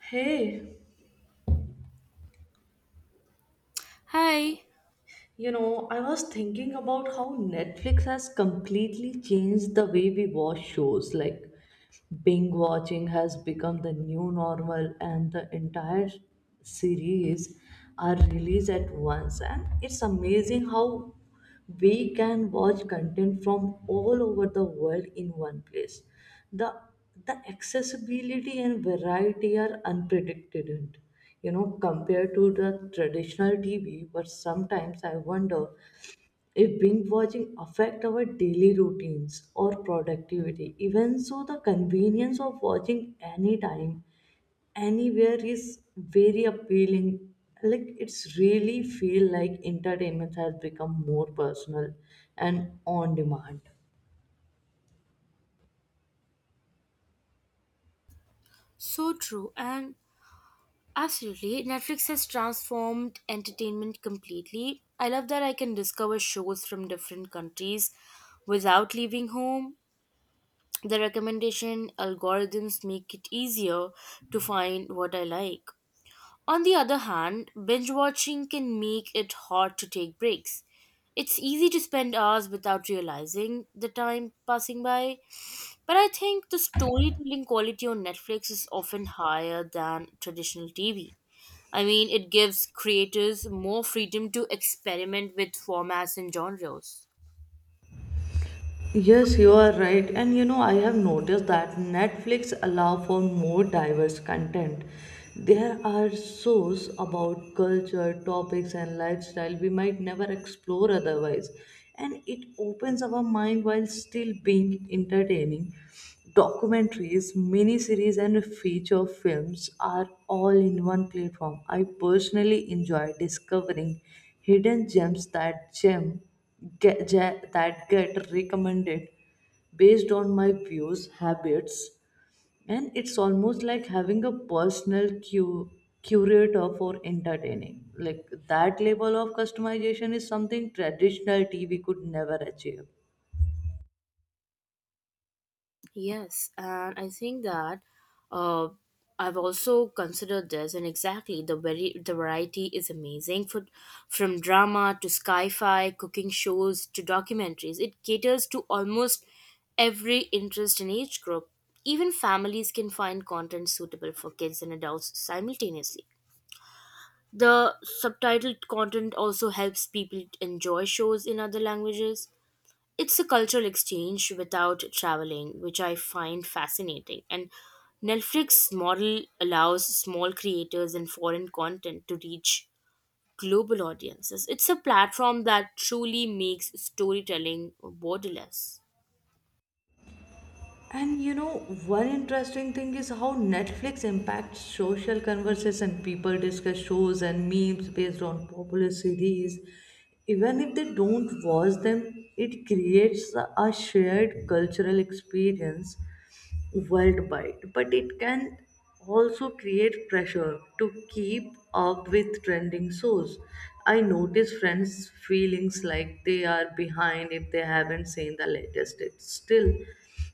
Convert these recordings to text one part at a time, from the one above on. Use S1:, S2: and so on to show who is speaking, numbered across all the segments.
S1: Hey,
S2: Hi,
S1: you know, I was thinking about how Netflix has completely changed the way we watch shows. Like, binge watching has become the new normal, and the entire series are released at once. And it's amazing how we can watch content from all over the world in one place. The the accessibility and variety are unprecedented, you know, compared to the traditional tv. But sometimes I wonder if binge watching affect our daily routines or productivity. Even so, the convenience of watching anytime, anywhere is very appealing. Like, it's really feel like entertainment has become more personal and on demand.
S2: so true and absolutely. Netflix has transformed entertainment completely. I love that I can discover shows from different countries without leaving home. The recommendation algorithms make it easier to find what I like. On the other hand, binge watching can make it hard to take breaks. It's easy to spend hours without realizing the time passing by. But I think the storytelling quality on Netflix is often higher than traditional TV. I mean, it gives creators more freedom to experiment with formats and genres.
S1: Yes, you are right. And you know, I have noticed that Netflix allow for more diverse content. There are shows about culture, topics and lifestyle we might never explore otherwise. And it opens our mind while still being entertaining. Documentaries, miniseries and feature films are all in one platform. I personally enjoy discovering hidden gems that gem get, that get recommended based on my views, habits, and it's almost like having a personal curator for entertaining. Like that level of customization is something traditional TV could never achieve.
S2: Yes, and I think that uh, I've also considered this, and exactly the variety is amazing. From drama to sci-fi, cooking shows to documentaries, it caters to almost every interest and age group. Even families can find content suitable for kids and adults simultaneously. The subtitled content also helps people enjoy shows in other languages. It's a cultural exchange without traveling, which I find fascinating. And Netflix model allows small creators and foreign content to reach global audiences. It's a platform that truly makes storytelling borderless.
S1: And you know, one interesting thing is how Netflix impacts social conversation. People discuss shows and memes based on popular series. Even if they don't watch them, it creates a shared cultural experience worldwide, but it can also create pressure to keep up with trending shows. I notice friends' feelings like they are behind if they haven't seen the latest.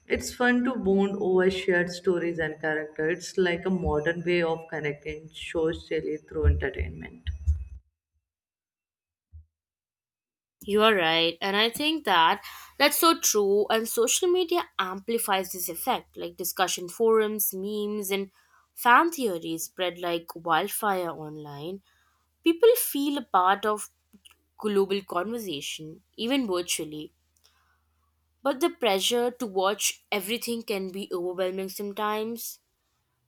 S1: It's fun to bond over shared stories and characters. It's like a modern way of connecting socially through entertainment.
S2: You are right, and I think that's so true. And social media amplifies this effect, like discussion forums, memes, and fan theories spread like wildfire online. People feel a part of global conversation, even virtually. But the pressure to watch everything can be overwhelming sometimes.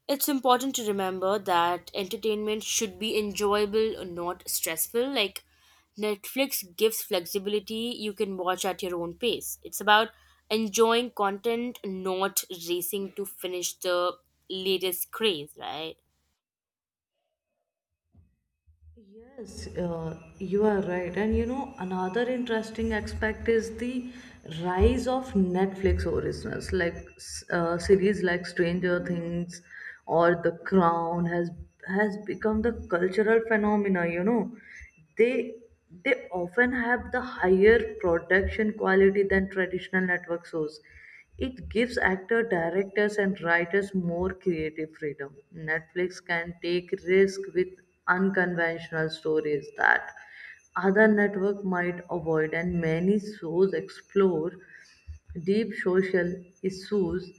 S2: It's important to remember that entertainment should be enjoyable, not stressful. Like Netflix gives flexibility, you can watch at your own pace. It's about enjoying content, not racing to finish the latest craze, right?
S1: Yes, you are right. And you know, another interesting aspect is the rise of Netflix originals, like series like Stranger Things or The Crown has become the cultural phenomena, you know. They they often have the higher production quality than traditional network shows. It gives actors, directors, and writers more creative freedom. Netflix can take risk with unconventional stories that other network might avoid, and many shows explore deep social issues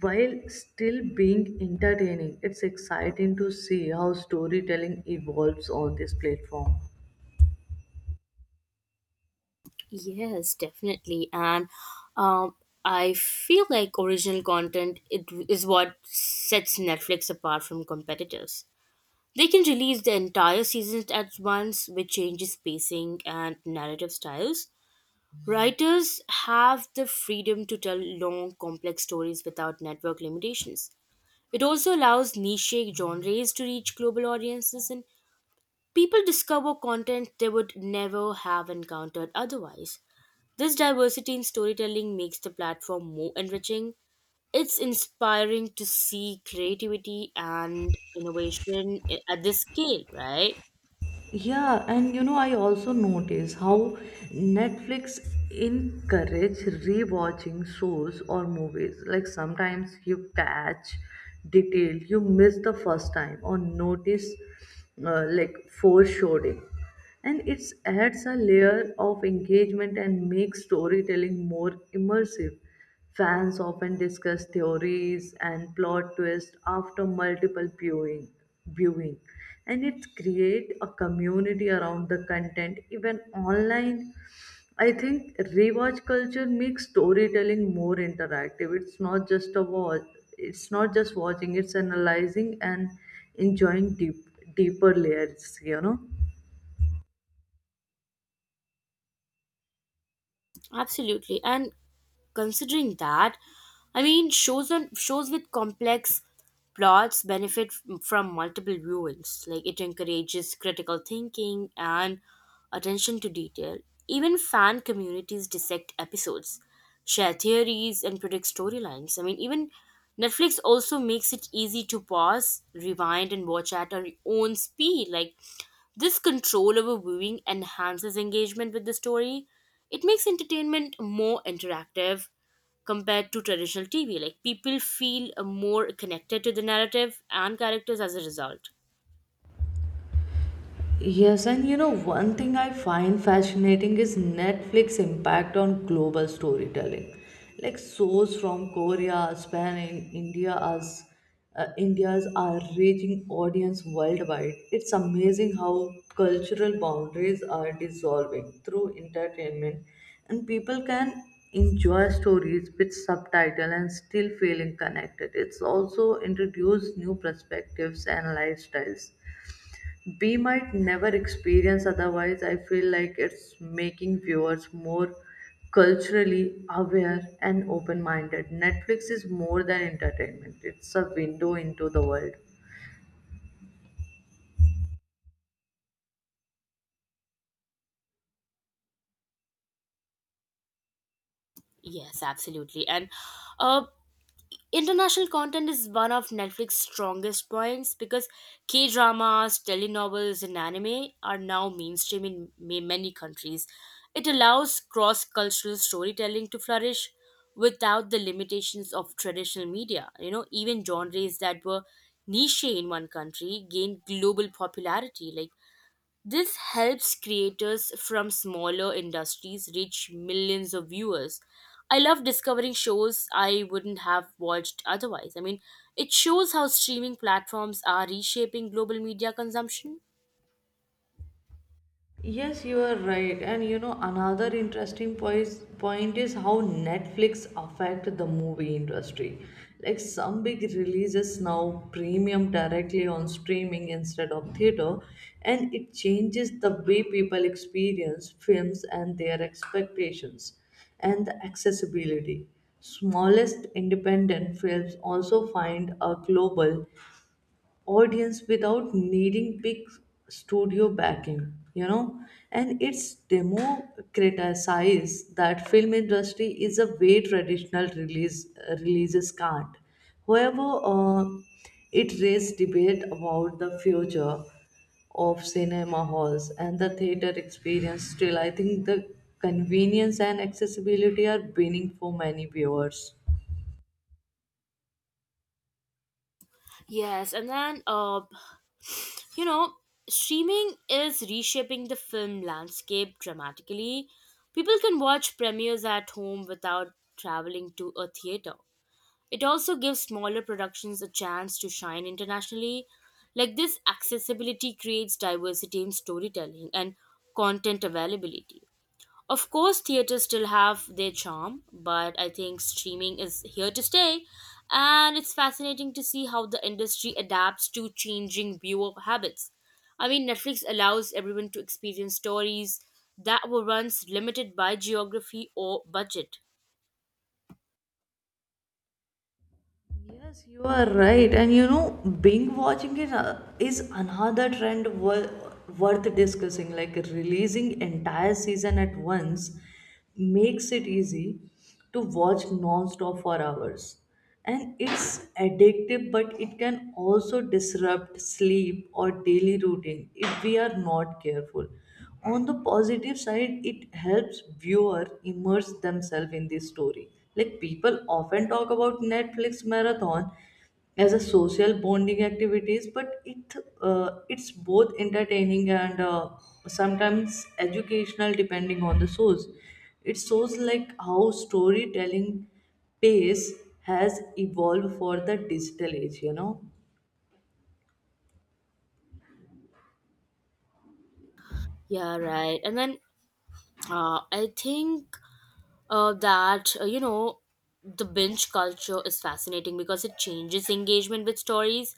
S1: while still being entertaining. It's exciting to see how storytelling evolves on this platform.
S2: Yes, definitely. And um, I feel like original content it is what sets Netflix apart from competitors. They can release the entire seasons at once, which changes pacing and narrative styles. Writers have the freedom to tell long, complex stories without network limitations. It also allows niche genres to reach global audiences, and people discover content they would never have encountered otherwise. This diversity in storytelling makes the platform more enriching. It's inspiring to see creativity and innovation at this scale, right?
S1: Yeah, and you know, I also notice how Netflix encourage rewatching shows or movies. Like sometimes you catch detail you miss the first time or notice like foreshadowing, and it adds a layer of engagement and makes storytelling more immersive. Fans often discuss theories and plot twists after viewing, and it creates a community around the content even online. I think rewatch culture makes storytelling more interactive. It's not just a watch. It's not just watching. It's analyzing and enjoying deeper layers, you know.
S2: Absolutely. And considering that, I mean, shows with complex plots benefit from multiple viewings. Like it encourages critical thinking and attention to detail. Even fan communities dissect episodes, share theories, and predict storylines. I mean, even Netflix also makes it easy to pause, rewind, and watch at our own speed. Like, this control over viewing enhances engagement with the story. It makes entertainment more interactive compared to traditional TV. Like, people feel more connected to the narrative and characters as a result.
S1: Yes, and you know, one thing I find fascinating is Netflix impact on global storytelling. Like shows from Korea, Spain, and India's are reaching audience worldwide. It's amazing how cultural boundaries are dissolving through entertainment, and people can enjoy stories with subtitle and still feeling connected. It's also introduced new perspectives and lifestyles we might never experience otherwise. I feel like it's making viewers more culturally aware and open minded. Netflix is more than entertainment, it's a window into the world.
S2: Yes, absolutely. And uh, international content is one of Netflix's strongest points because K dramas, telenovelas, and anime are now mainstream in many countries. It allows cross cultural storytelling to flourish without the limitations of traditional media. You know, even genres that were niche in one country gained global popularity. Like this helps creators from smaller industries reach millions of viewers. I love discovering shows I wouldn't have watched otherwise. I mean, it shows how streaming platforms are reshaping global media consumption.
S1: Yes, you are right. And you know, another interesting point is how Netflix affect the movie industry. Like some big releases now premium directly on streaming instead of theater, and it changes the way people experience films and their expectations and the accessibility. Smallest independent films also find a global audience without needing big studio backing, you know, and it's democratized that film industry is a way traditional releases can't. However, it raised debate about the future of cinema halls and the theater experience. Still, I think the convenience and accessibility are winning for many viewers.
S2: Yes, and then you know, streaming is reshaping the film landscape dramatically. People can watch premieres at home without traveling to a theater. It also gives smaller productions a chance to shine internationally. Like this, accessibility creates diversity in storytelling and content availability. Of course, theaters still have their charm, but I think streaming is here to stay, and it's fascinating to see how the industry adapts to changing viewer habits. I mean, Netflix allows everyone to experience stories that were once limited by geography or budget.
S1: Yes, you are right. And you know, binge watching it is another trend worth discussing. Like releasing entire season at once makes it easy to watch non-stop for hours. And it's addictive, but it can also disrupt sleep or daily routine if we are not careful. On the positive side, it helps viewer immerse themselves in the story. Like people often talk about netflix marathon as a social bonding activities. But it's both entertaining and sometimes educational depending on the source. It shows like how storytelling pace has evolved for the digital age, you know.
S2: Yeah, right. And then I think that you know, the binge culture is fascinating because it changes engagement with stories.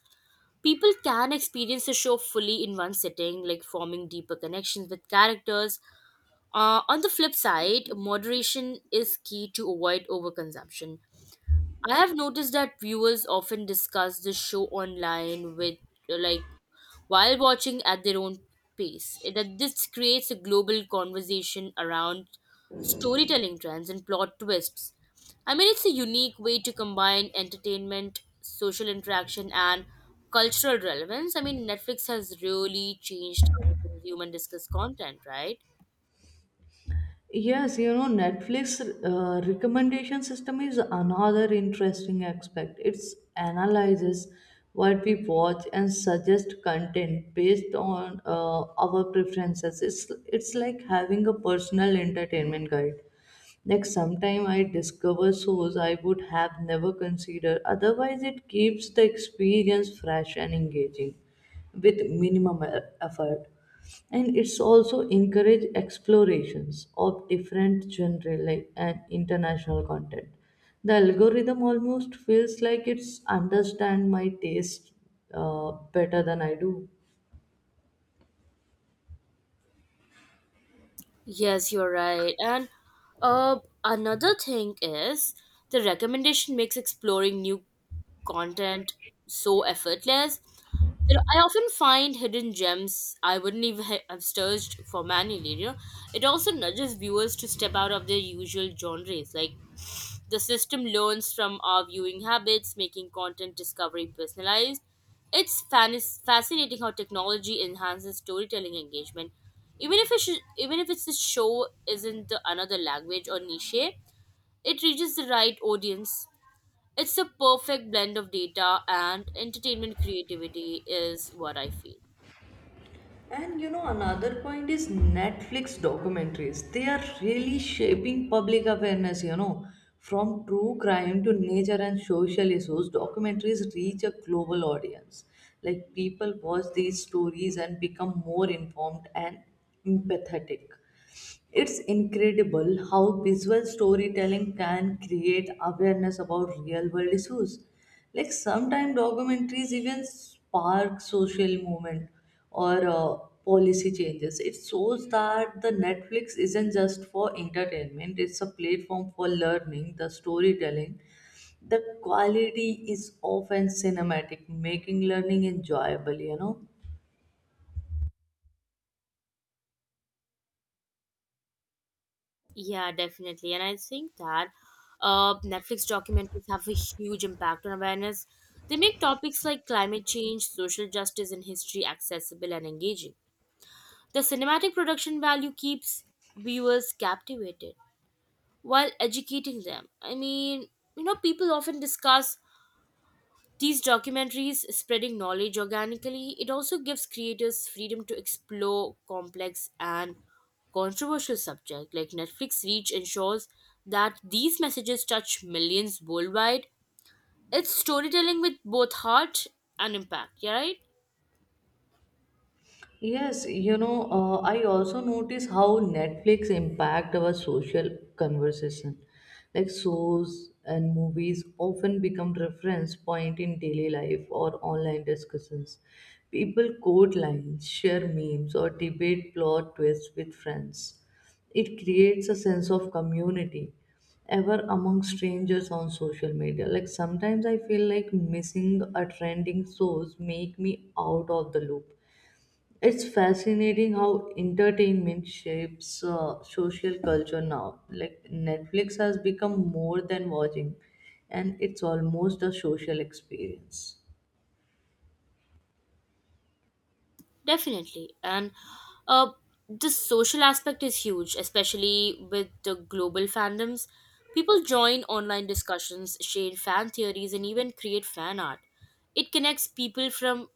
S2: People can experience a show fully in one sitting, like forming deeper connections with characters. On the flip side, moderation is key to avoid overconsumption. I have noticed that viewers often discuss the show online with, like, while watching at their own pace. It- That this creates a global conversation around storytelling trends and plot twists. I mean, it's a unique way to combine entertainment, social interaction, and cultural relevance. I mean, Netflix has really changed how we consume and discuss content, right?
S1: Yes, you know, Netflix recommendation system is another interesting aspect. It analyzes what we watch and suggest content based on our preferences. It's like having a personal entertainment guide. Like sometime I discover shows I would have never considered. Otherwise, it keeps the experience fresh and engaging with minimum effort. And it's also encourage explorations of different genre like and international content. The algorithm almost feels like it's understand my taste better than I do.
S2: Yes, you're right. And another thing is the recommendation makes exploring new content so effortless. You know, I often find hidden gems I wouldn't even have searched for manually. You know, it also nudges viewers to step out of their usual genres. Like the system learns from our viewing habits, making content discovery personalized. It's fascinating how technology enhances storytelling engagement, even if it sh- even if it's a show isn't the another language or niche. It reaches the right audience. It's the perfect blend of data and entertainment creativity, is what I feel.
S1: And you know, another point is Netflix documentaries. They are really shaping public awareness, you know. From true crime to nature and social issues, documentaries reach a global audience. Like people watch these stories and become more informed and empathetic. It's incredible how visual storytelling can create awareness about real world issues. Like sometimes documentaries even spark social movement or policy changes. It shows that the Netflix isn't just for entertainment, it's a platform for learning, the storytelling. The quality is often cinematic, making learning enjoyable, you know.
S2: Yeah, definitely. And I think that Netflix documentaries have a huge impact on awareness. They make topics like climate change, social justice, and history accessible and engaging. The cinematic production value keeps viewers captivated while educating them. I mean, you know, people often discuss these documentaries, spreading knowledge organically. It also gives creators freedom to explore complex and controversial subjects. Like Netflix reach ensures that these messages touch millions worldwide. It's storytelling with both heart and impact, yeah right?
S1: Yes, you know, I also notice how Netflix impact our social conversation. Like shows and movies often become reference point in daily life or online discussions. People quote lines, share memes, or debate plot twists with friends. It creates a sense of community ever among strangers on social media. Like sometimes I feel like missing a trending source make me out of the loop. It's fascinating how entertainment shapes social culture now. Like Netflix has become more than watching, and it's almost a social experience.
S2: Definitely. And uh, the social aspect is huge, especially with the global fandoms. People join online discussions, share fan theories, and even create fan art. It connects people from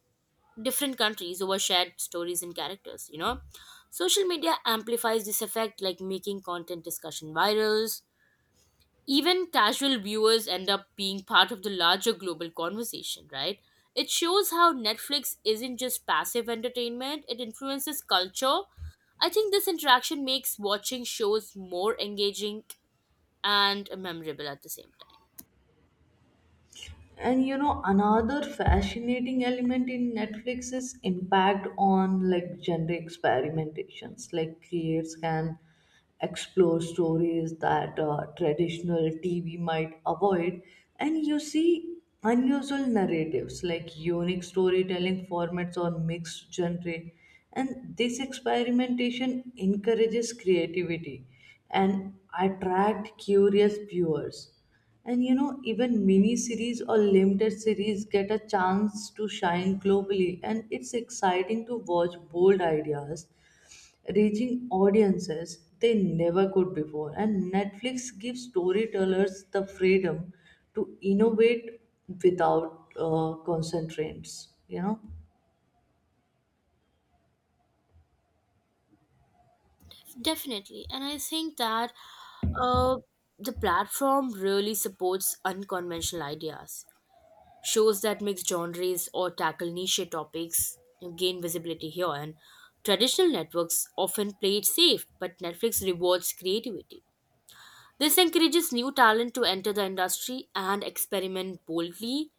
S2: different countries over shared stories and characters, you know? Social media amplifies this effect, like making content discussion virals. Even casual viewers end up being part of the larger global conversation, right? It shows how Netflix isn't just passive entertainment, it influences culture. I think this interaction makes watching shows more engaging and memorable at the same time.
S1: And you know, another fascinating element in netflix is impact on like gender experimentations. Like creators can explore stories that traditional tv might avoid, and you see unusual narratives like unique storytelling formats or mixed genre. And this experimentation encourages creativity and attract curious viewers. And you know, even mini series or limited series get a chance to shine globally, and it's exciting to watch bold ideas reaching audiences they never could before. And Netflix gives storytellers the freedom to innovate without constraints, you know.
S2: Definitely. And I think that uh, the platform really supports unconventional ideas. Shows that mix genres or tackle niche topics gain visibility here, and traditional networks often play it safe, but Netflix rewards creativity. This encourages new talent to enter the industry and experiment boldly.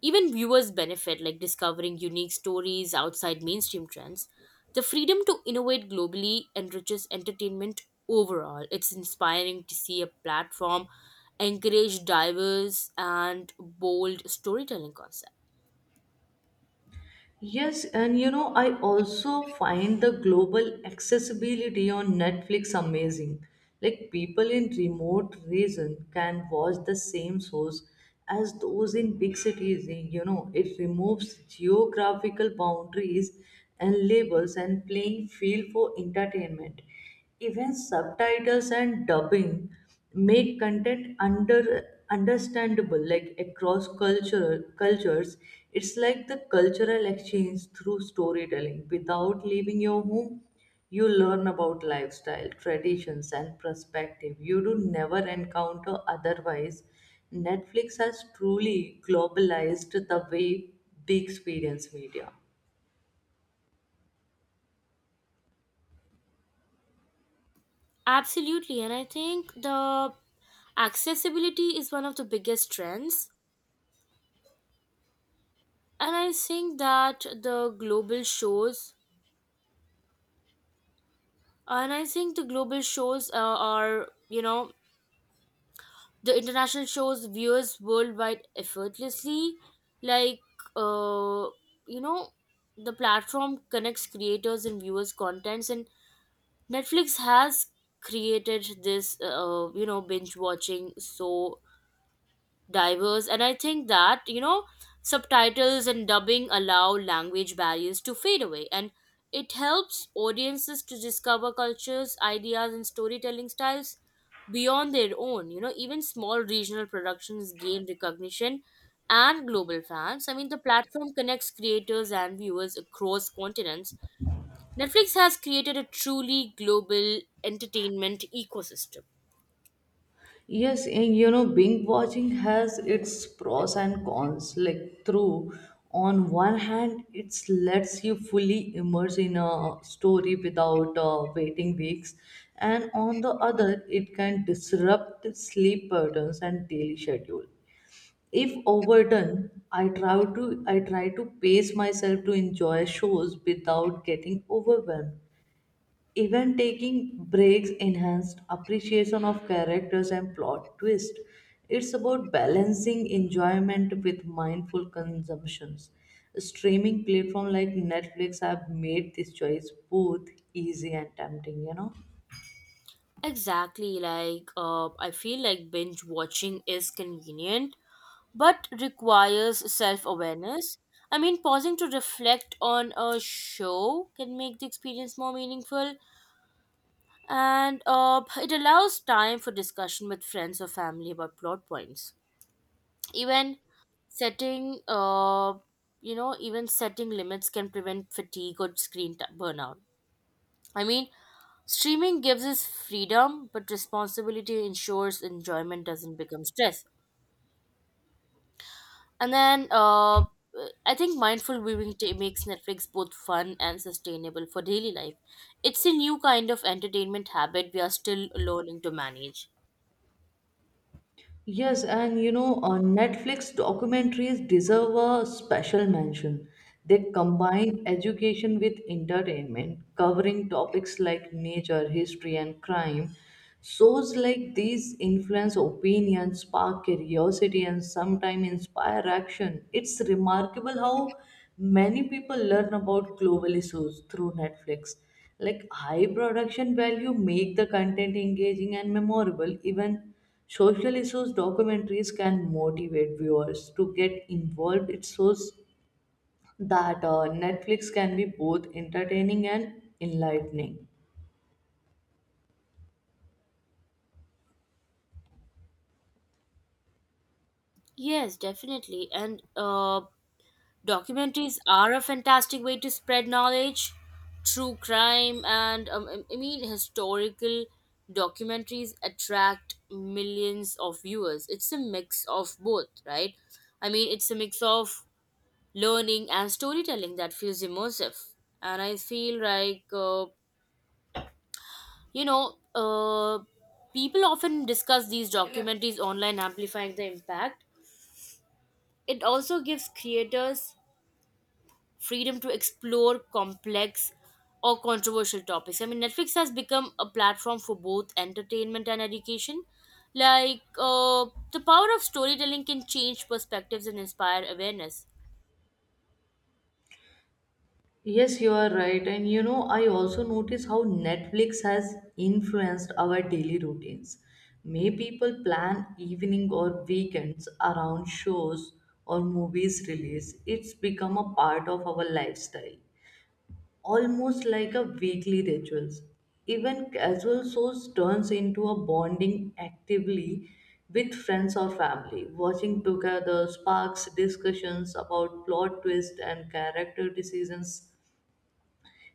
S2: Even viewers benefit, like discovering unique stories outside mainstream trends. The freedom to innovate globally enriches entertainment overall. It's inspiring to see a platform encourage diverse and bold storytelling concepts.
S1: Yes, and you know, I also find the global accessibility on Netflix amazing. Like people in remote region can watch the same shows as those in big cities. Eh, you know, it removes geographical boundaries and labels and playing field for entertainment. Even subtitles and dubbing make content understandable like across cultural cultures. It's like the cultural exchange through storytelling. Without leaving your home, you learn about lifestyle, traditions, and perspective you do never encounter otherwise. Netflix has truly globalized the way we experience media.
S2: Absolutely, and I think the accessibility is one of the biggest trends. And I think that the global shows, and I think the global shows are, you know, the international shows viewers worldwide effortlessly. Like, uh, you know, the platform connects creators and viewers' contents, and Netflix has created this, you know, binge watching so diverse. And I think that, you know, subtitles and dubbing allow language barriers to fade away, and it helps audiences to discover cultures, ideas, and storytelling styles beyond their own. You know, even small regional productions gain recognition and global fans. I mean, the platform connects creators and viewers across continents. Netflix has created a truly global entertainment ecosystem.
S1: Yes, and you know, binge watching has its pros and cons. On one hand, it lets you fully immerse in a story without waiting weeks, and on the other, it can disrupt sleep patterns and daily schedule. If overdone, I try to pace myself to enjoy shows without getting overwhelmed. Even taking breaks enhanced appreciation of characters and plot twist. It's about balancing enjoyment with mindful consumptions. Streaming platform like Netflix have made this choice both easy and tempting, you know.
S2: Exactly, like I feel like binge watching is convenient but requires self awareness. I mean, pausing to reflect on a show can make the experience more meaningful, and it allows time for discussion with friends or family about plot points. Even setting, uh, even setting limits can prevent fatigue or screen burnout. I mean, streaming gives us freedom, but responsibility ensures enjoyment doesn't become stress. And then I think mindful viewing makes Netflix both fun and sustainable for daily life. It's a new kind of entertainment habit we are still learning to manage.
S1: Yes, and you know, Netflix documentaries deserve a special mention. They combine education with entertainment, covering topics like nature, history, and crime. Shows like these influence opinion, spark curiosity, and sometimes inspire action. It's remarkable how many people learn about global issues through Netflix. Like high production value make the content engaging and memorable. Even social issues documentaries can motivate viewers to get involved. It shows that Netflix can be both entertaining and enlightening.
S2: Yes, definitely. And documentaries are a fantastic way to spread knowledge. True crime and, I mean, historical documentaries attract millions of viewers. It's a mix of both, right? It's a mix of learning and storytelling that feels immersive. And I feel like, you know, uh, people often discuss these documentaries online, amplifying the impact. It also gives creators freedom to explore complex or controversial topics. I mean, Netflix has become a platform for both entertainment and education. Like, the power of storytelling can change perspectives and inspire awareness.
S1: Yes, you are right. And you know, I also notice how Netflix has influenced our daily routines. May people plan evening or weekends around shows or movies release. It's become a part of our lifestyle, almost like a weekly rituals. Even casual shows turns into a bonding actively with friends or family, watching together sparks discussions about plot twists and character decisions.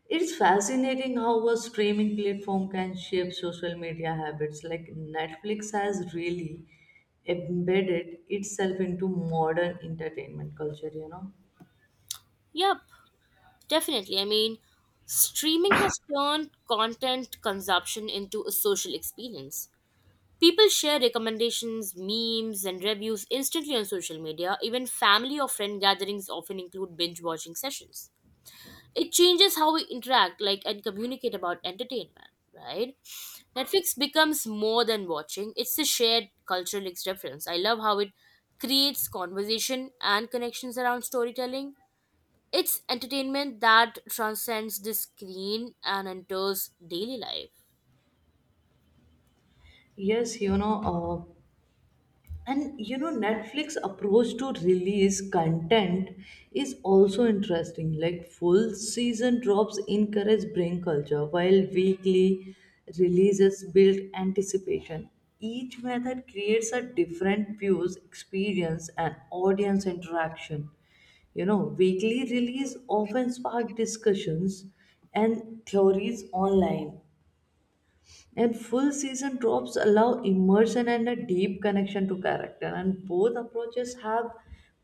S1: It's fascinating how a streaming platform can shape social media habits. Like Netflix has really embedded itself into modern entertainment culture, you know.
S2: Yep, definitely. I mean, streaming has turned content consumption into a social experience. People share recommendations, memes, and reviews instantly on social media. Even family or friend gatherings often include binge watching sessions. It changes how we interact, like, and communicate about entertainment, right? Netflix becomes more than watching, it's a shared cultural experience. I love how it creates conversation and connections around storytelling. It's entertainment that transcends the screen and enters daily life.
S1: Yes, you know, uh, netflix approach to release content is also interesting. Like full season drops encourage brain culture while weekly releases build anticipation. Each method creates a different views experience and audience interaction, you know. Weekly release often spark discussions and theories online, and full season drops allow immersion and a deep connection to character, and both approaches have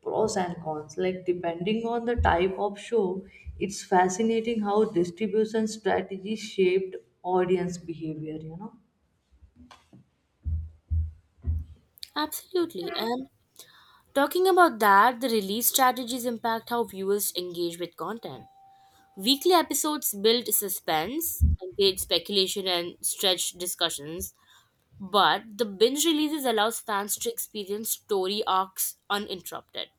S1: pros and cons. Like, depending on the type of show, it's fascinating how distribution strategy shaped audience behavior, you know.
S2: Absolutely, and talking about that, the release strategies impact how viewers engage with content. Weekly episodes build suspense, engage speculation, and stretch discussions. But the binge releases allows fans to experience story arcs uninterrupted.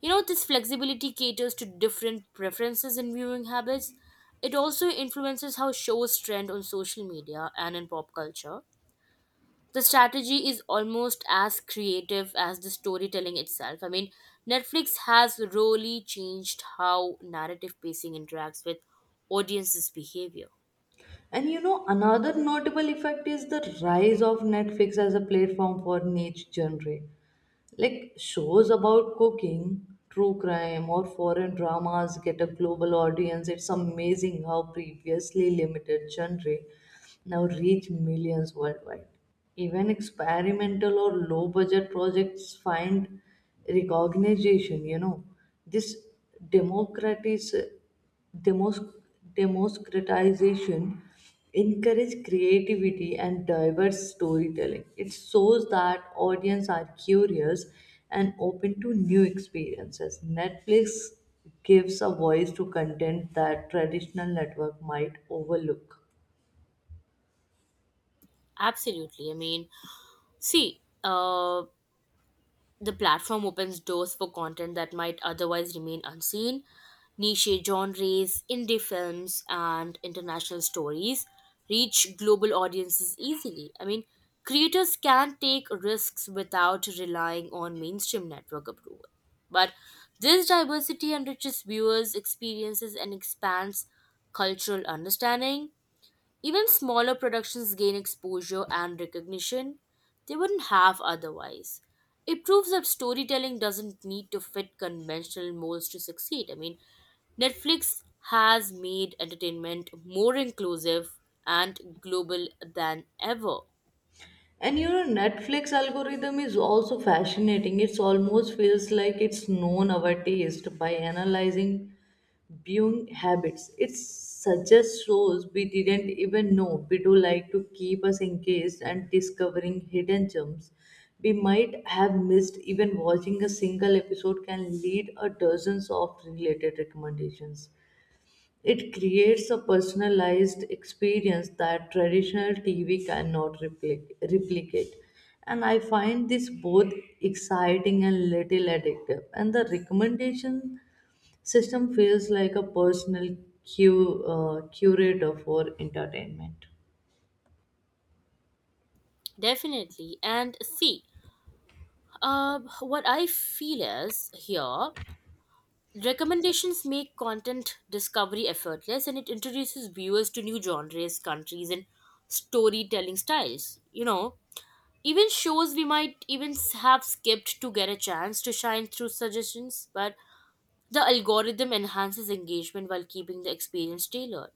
S2: You know, this flexibility caters to different preferences and viewing habits. It also influences how shows trend on social media and in pop culture. The strategy is almost as creative as the storytelling itself. I mean, Netflix has really changed how narrative pacing interacts with audiences' behavior.
S1: And you know, another notable effect is the rise of Netflix as a platform for niche genre. Like shows about cooking, true crime, or foreign dramas get a global audience. It's amazing how previously limited genre now reach millions worldwide. Even experimental or low budget projects find recognition, you know. This democratizes Demos- Democratization encourage creativity and diverse storytelling. It shows that audience are curious and open to new experiences. Netflix gives a voice to content that traditional network might overlook.
S2: Absolutely. I mean, see, the platform opens doors for content that might otherwise remain unseen, niche genres, indie films, and international stories reach global audiences easily. I mean, creators can take risks without relying on mainstream network approval. But this diversity enriches viewers' experiences and expands cultural understanding. Even smaller productions gain exposure and recognition they wouldn't have otherwise. It proves that storytelling doesn't need to fit conventional molds to succeed. I mean, Netflix has made entertainment more inclusive and global than ever.
S1: And you know, Netflix algorithm is also fascinating. It's almost feels like it's known our taste by analyzing viewing habits. It suggests shows we didn't even know we do like to keep us engaged and discovering hidden gems we might have missed. Even watching a single episode can lead a dozens of related recommendations. It creates a personalized experience that traditional TV cannot replicate. And I find this both exciting and little addictive. And the recommendation system feels like a personal curator for entertainment.
S2: Definitely. And see, what I feel is here: recommendations make content discovery effortless, and it introduces viewers to new genres, countries, and storytelling styles. You know, even shows we might even have skipped to get a chance to shine through suggestions, but the algorithm enhances engagement while keeping the experience tailored.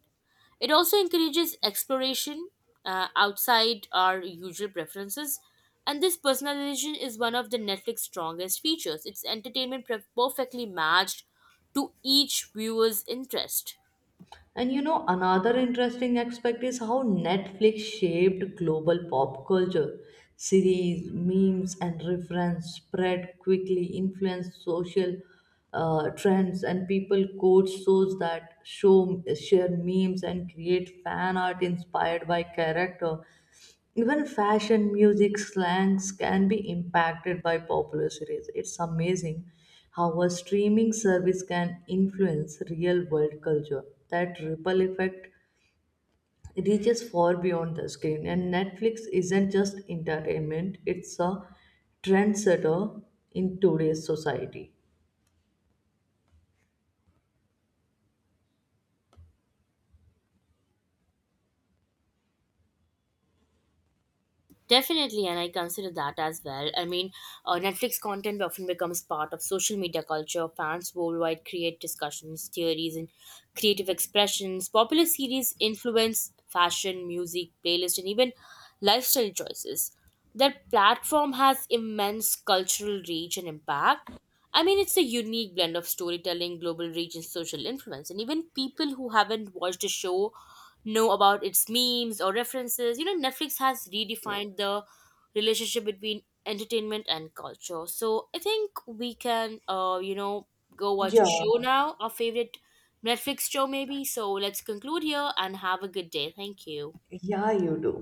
S2: It also encourages exploration outside our usual preferences, and this personalization is one of the Netflix strongest features. Its entertainment perfectly matched to each viewer's interest.
S1: And you know, another interesting aspect is how Netflix shaped global pop culture. Series, memes, and reference spread quickly, influenced social trends, and people quote shows that show share memes and create fan art inspired by character. Even fashion, music, slangs can be impacted by popular series. It's amazing how a streaming service can influence real world culture. That ripple effect reaches far beyond the screen. And Netflix isn't just entertainment, it's a trendsetter in today's society.
S2: Definitely, and I consider that as well. I mean, Netflix content often becomes part of social media culture. Fans worldwide create discussions, theories, and creative expressions. Popular series influence fashion, music, playlist, and even lifestyle choices. Their platform has immense cultural reach and impact. I mean, it's a unique blend of storytelling, global reach, and social influence. And even people who haven't watched the show know about its memes or references. You know, Netflix has redefined the relationship between entertainment and culture. So I think we can, you know, go watch a
S1: Yeah,
S2: show now, our favorite Netflix show, maybe. So let's conclude here and have a good day. Thank you.
S1: yeah, you do.